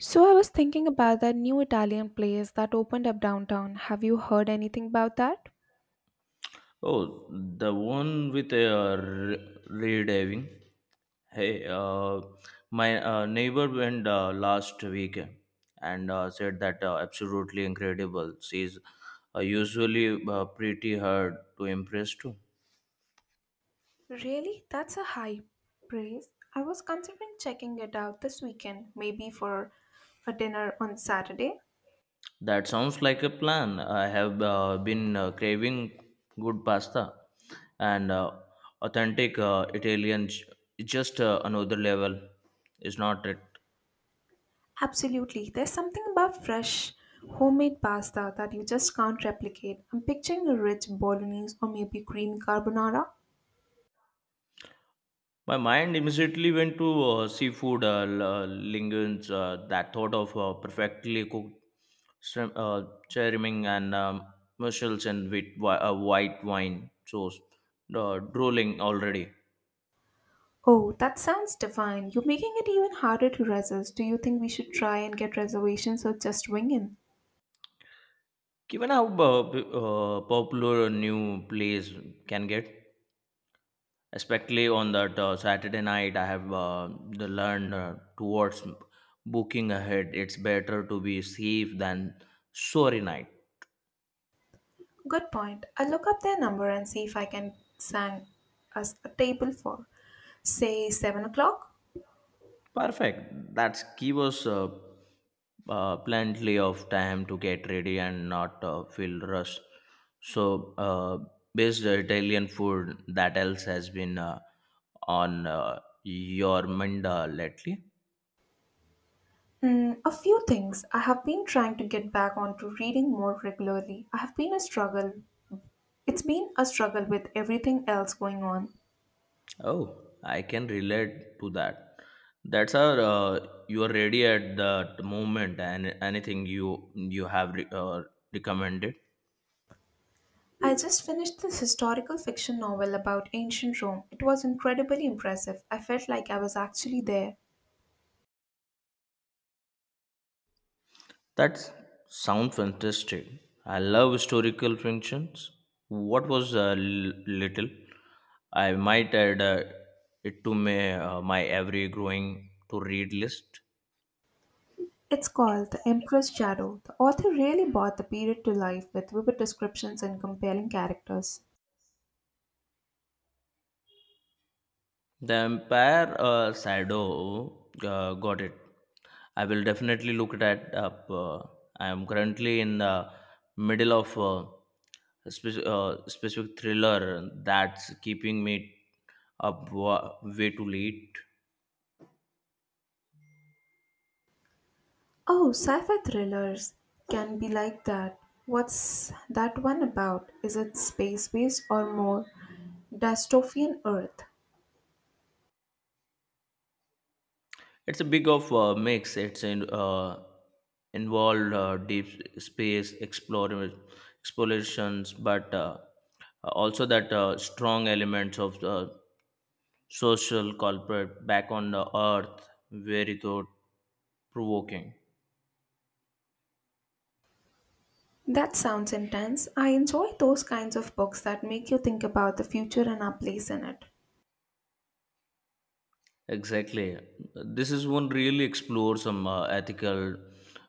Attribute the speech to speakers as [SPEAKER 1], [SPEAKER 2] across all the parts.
[SPEAKER 1] So I was thinking about that new Italian place that opened up downtown. Have you heard anything about that?
[SPEAKER 2] Oh, the one with rediving. Hey, uh, my neighbor went last week and said that absolutely incredible. She's usually pretty hard to impress too.
[SPEAKER 1] Really? That's a high praise. I was considering checking it out this weekend, maybe for a dinner on Saturday.
[SPEAKER 2] That sounds like a plan. I have been craving good pasta and authentic just another level, is not it?
[SPEAKER 1] Absolutely. There's something about fresh, homemade pasta that you just can't replicate. I'm picturing a rich bolognese or maybe green carbonara.
[SPEAKER 2] My mind immediately went to seafood linguines. That thought of perfectly cooked shrimp, cherriming and mussels and with white wine sauce, drooling already.
[SPEAKER 1] Oh, that sounds divine. You're making it even harder to resist. Do you think we should try and get reservations or just wing in?
[SPEAKER 2] Given how popular a new place can get, especially on that Saturday night, I have the learned towards booking ahead. It's better to be safe than sorry night.
[SPEAKER 1] Good point. I'll look up their number and see if I can sang us a table for, say, 7 o'clock.
[SPEAKER 2] Perfect. That's give us plenty of time to get ready and not feel rushed. So, based on Italian food that else has been on your mind lately.
[SPEAKER 1] Mm, a few things. I have been trying to get back onto reading more regularly. I have been a struggle. It's been a struggle with everything else going on.
[SPEAKER 2] Oh, I can relate to that. That's our you are ready at that moment and anything you have recommended.
[SPEAKER 1] I just finished this historical fiction novel about ancient Rome. It was incredibly impressive. I felt like I was actually there.
[SPEAKER 2] That sounds fantastic. I love historical fictions. What was little? I might add it to my, my every growing to read list.
[SPEAKER 1] It's called The Emperor's Shadow. The author really brought the period to life with vivid descriptions and compelling characters.
[SPEAKER 2] The Empire Shadow got it. I will definitely look that up. I am currently in the middle of a specific thriller that's keeping me up way too late.
[SPEAKER 1] Oh, sci-fi thrillers can be like that. What's that one about? Is it space-based or more dystopian Earth?
[SPEAKER 2] It's a big of mix. It's in, involved deep space explorations, but also that strong elements of social corporate back on the earth, very thought provoking.
[SPEAKER 1] That sounds intense. I enjoy those kinds of books that make you think about the future and our place in it.
[SPEAKER 2] Exactly. This is one really explore some ethical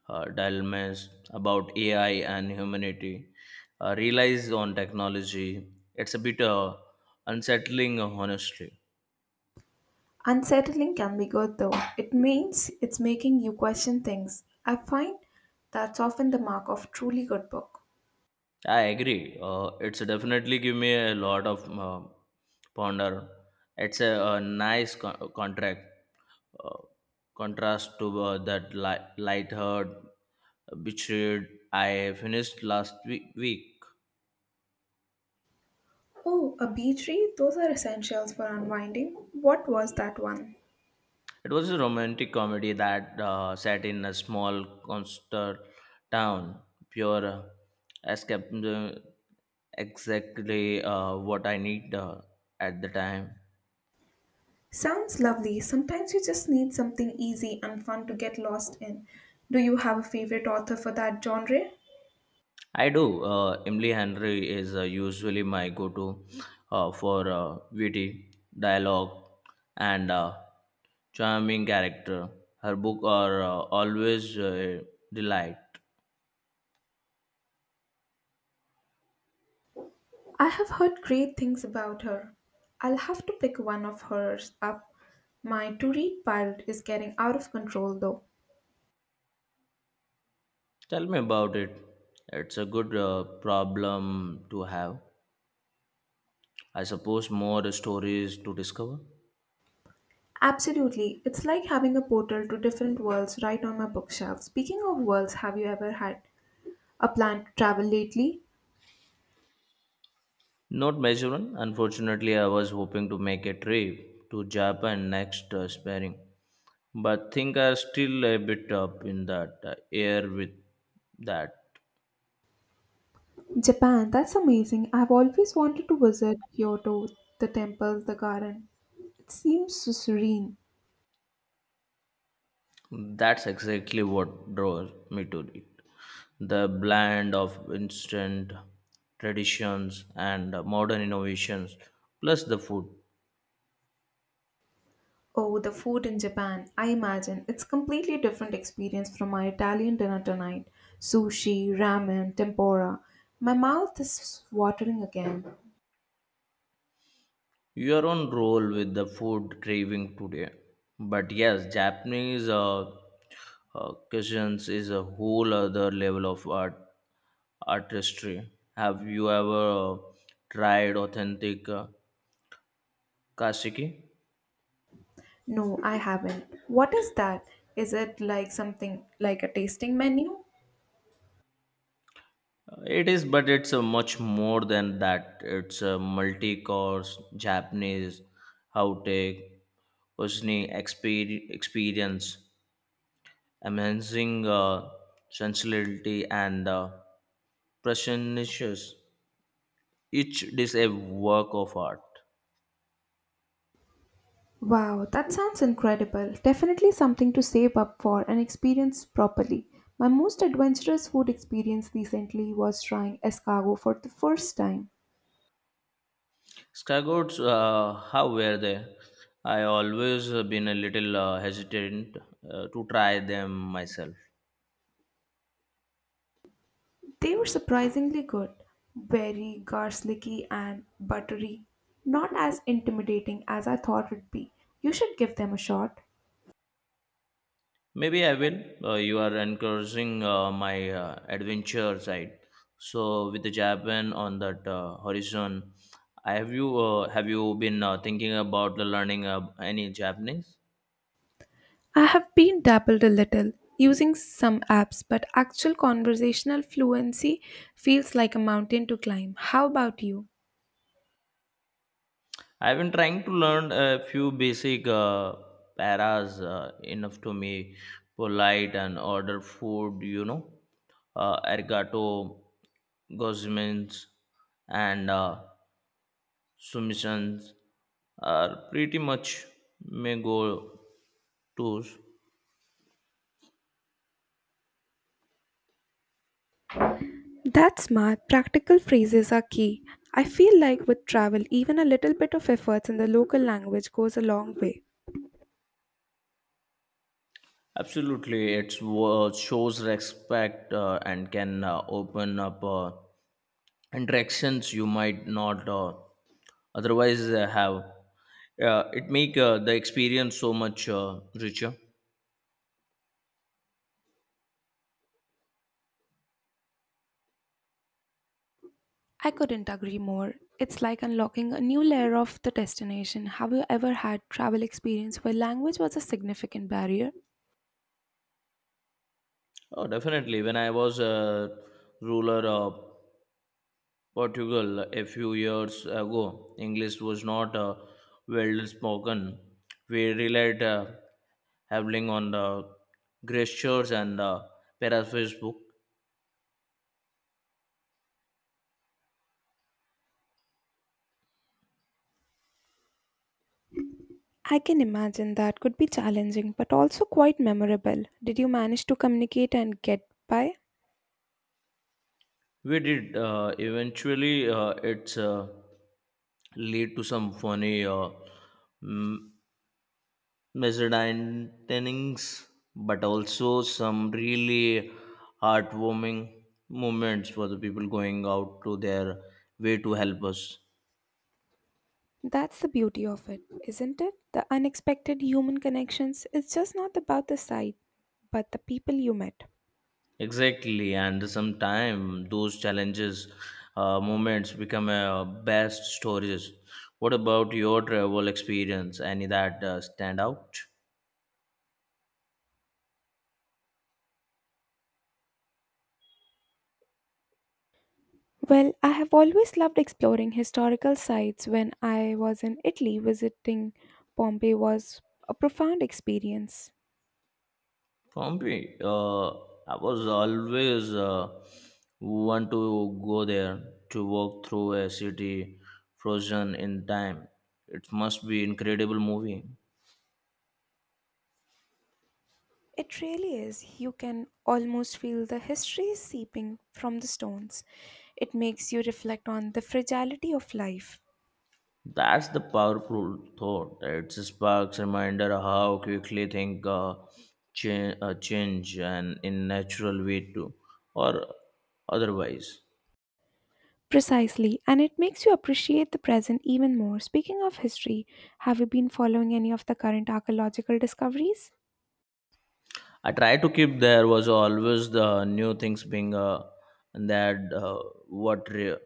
[SPEAKER 2] dilemmas about AI and humanity. Relies on technology. It's a bit unsettling, honestly.
[SPEAKER 1] Unsettling can be good though. It means it's making you question things. I find that's often the mark of truly good book.
[SPEAKER 2] I agree. It's definitely give me a lot of ponder. It's a, nice co- contract uh, contrast to that light-haired, betrayed I finished last week.
[SPEAKER 1] Oh, a beach read? Those are essentials for unwinding. What was that one?
[SPEAKER 2] It was a romantic comedy that set in a small coastal town. Pure escape, exactly what I need at the time.
[SPEAKER 1] Sounds lovely. Sometimes you just need something easy and fun to get lost in. Do you have a favorite author for that genre?
[SPEAKER 2] I do. Emily Henry is usually my go-to for witty dialogue and charming character. Her book are always delight.
[SPEAKER 1] I have heard great things about her. I'll have to pick one of hers up. My to read pile is getting out of control though.
[SPEAKER 2] Tell me about it. It's a good problem to have. I suppose more stories to discover.
[SPEAKER 1] Absolutely. It's like having a portal to different worlds right on my bookshelf. Speaking of worlds, have you ever had a plan to travel lately?
[SPEAKER 2] Not Mizoram. Unfortunately, I was hoping to make a trip to Japan next spring, but think I still a bit up in that air with that.
[SPEAKER 1] Japan, that's amazing. I've always wanted to visit Kyoto, the temples, the garden. It seems so serene.
[SPEAKER 2] That's exactly what draws me to it. The blend of instant traditions and modern innovations, plus the food.
[SPEAKER 1] Oh, the food in Japan. I imagine it's completely different experience from my Italian dinner tonight. Sushi, ramen, tempura. My mouth is watering again.
[SPEAKER 2] You're on roll with the food craving today. But yes, Japanese cuisines is a whole other level of artistry. Have you ever tried authentic kasiki?
[SPEAKER 1] No, I haven't. What is that? Is it like something like a tasting menu?
[SPEAKER 2] It is, but it's much more than that. It's a multi-course Japanese outtake cuisine experience, amazing sensuality and precious. Each is a work of art.
[SPEAKER 1] Wow, that sounds incredible. Definitely something to save up for and experience properly. My most adventurous food experience recently was trying escargot for the first time.
[SPEAKER 2] Skygoats, how were they? I always been a little hesitant to try them myself.
[SPEAKER 1] They were surprisingly good, very garlicky and buttery, not as intimidating as I thought it'd be. You should give them a shot.
[SPEAKER 2] Maybe I will. You are encouraging my adventure side. So with the Japan on that horizon, I have you been thinking about learning any Japanese?
[SPEAKER 1] I have been dabbled a little using some apps, but actual conversational fluency feels like a mountain to climb. How about you?
[SPEAKER 2] I've been trying to learn a few basic paras enough to me polite and order food, you know, arigato, gozmins, and submissions are pretty much may go to's.
[SPEAKER 1] That's smart. Practical phrases are key. I feel like with travel, even a little bit of efforts in the local language goes a long way.
[SPEAKER 2] Absolutely, it shows respect and can open up interactions you might not. Otherwise have, yeah, it make the experience so much richer.
[SPEAKER 1] I couldn't agree more. It's like unlocking a new layer of the destination. Have you ever had travel experience where language was a significant barrier?
[SPEAKER 2] Oh, definitely, when I was a ruler of portugal a few years ago english was not well spoken. We relied heavily on the gestures and paraphrase book.
[SPEAKER 1] I can imagine that could be challenging but also quite memorable. Did you manage to communicate and get by?
[SPEAKER 2] We did eventually it's lead to some funny m- measured, but also some really heartwarming moments for the people going out to their way to help us.
[SPEAKER 1] That's the beauty of it, isn't it? The unexpected human connections. It's just not about the site, but the people you met.
[SPEAKER 2] Exactly, and sometimes those challenges, moments become best stories. What about your travel experience? Any that stand out?
[SPEAKER 1] Well, I have always loved exploring historical sites. When I was in Italy, visiting Pompeii was a profound experience.
[SPEAKER 2] For me, I was always want to go there to walk through a city frozen in time. It must be incredible movie.
[SPEAKER 1] It really is. You can almost feel the history seeping from the stones. It makes you reflect on the fragility of life.
[SPEAKER 2] That's the powerful thought. It sparks reminder how quickly things change and in natural way too, or otherwise.
[SPEAKER 1] Precisely, and it makes you appreciate the present even more. Speaking of history, have you been following any of the current archaeological discoveries?
[SPEAKER 2] I try to keep there was always the new things being that what re-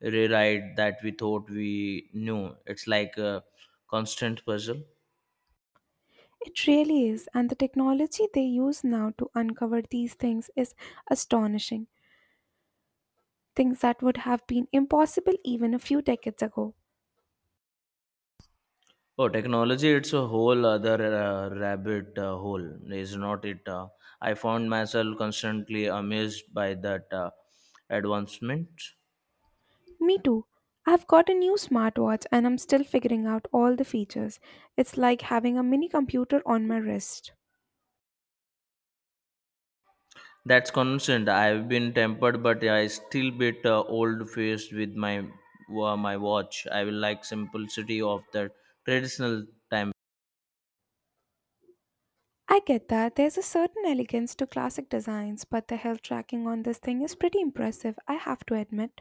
[SPEAKER 2] rewrite that we thought we knew. It's like a constant puzzle.
[SPEAKER 1] It really is, and the technology they use now to uncover these things is astonishing. Things that would have been impossible even a few decades ago.
[SPEAKER 2] Oh, technology! It's a whole other rabbit hole, is not it? I found myself constantly amazed by that advancement.
[SPEAKER 1] Me too. I've got a new smartwatch and I'm still figuring out all the features. It's like having a mini computer on my wrist.
[SPEAKER 2] That's constant. I've been tempered, but I still bit old faced with my my watch. I will like simplicity of the traditional time.
[SPEAKER 1] I get that there's a certain elegance to classic designs, but the health tracking on this thing is pretty impressive, I have to admit.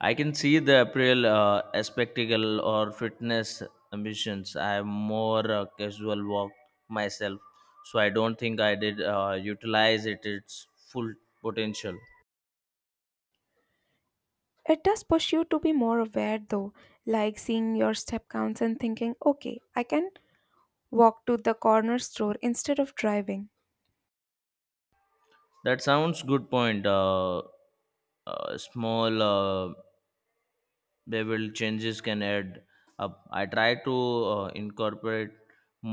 [SPEAKER 2] I can see the April spectacle or fitness ambitions. I have more casual walk myself, so I don't think I did utilize it its full potential.
[SPEAKER 1] It does push you to be more aware though, like seeing your step counts and thinking, okay, I can walk to the corner store instead of driving.
[SPEAKER 2] That sounds good point. Small. They will changes can add up. I try to incorporate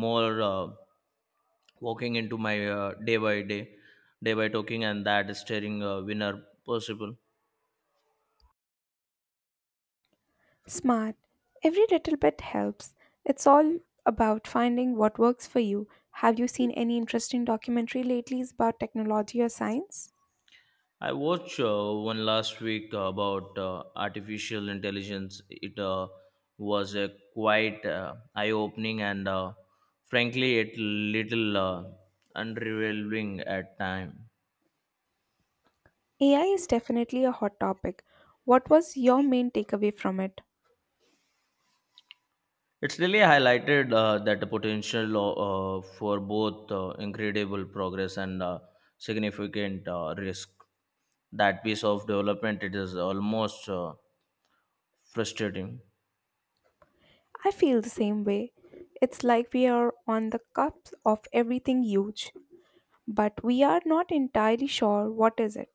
[SPEAKER 2] more walking into my day by day day by talking and that is steering winner possible.
[SPEAKER 1] Smart. Every little bit helps. It's all about finding what works for you. Have you seen any interesting documentary lately about technology or science?
[SPEAKER 2] I watched one last week about artificial intelligence. It was a quite eye opening and frankly it little unrevealing at time.
[SPEAKER 1] AI is definitely a hot topic. What was your main takeaway from it?
[SPEAKER 2] It's really highlighted that the potential for both incredible progress and significant risk. That piece of development it is almost frustrating.
[SPEAKER 1] I feel the same way. It's like we are on the cusp of everything huge, but we are not entirely sure what is it.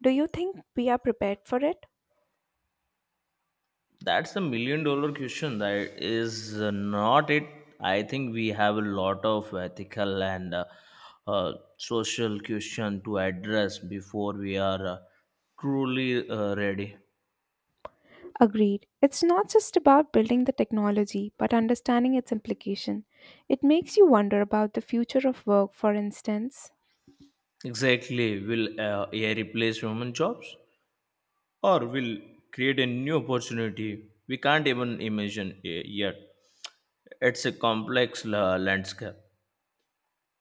[SPEAKER 1] Do you think we are prepared for it?
[SPEAKER 2] That's the million dollar question. That is not it. I think we have a lot of ethical and uh, social question to address before we are truly ready.
[SPEAKER 1] Agreed. It's not just about building the technology, but understanding its implication. It makes you wonder about the future of work, for instance.
[SPEAKER 2] Exactly. Will AI replace human jobs? Or will create a new opportunity we can't even imagine yet. It's a complex landscape.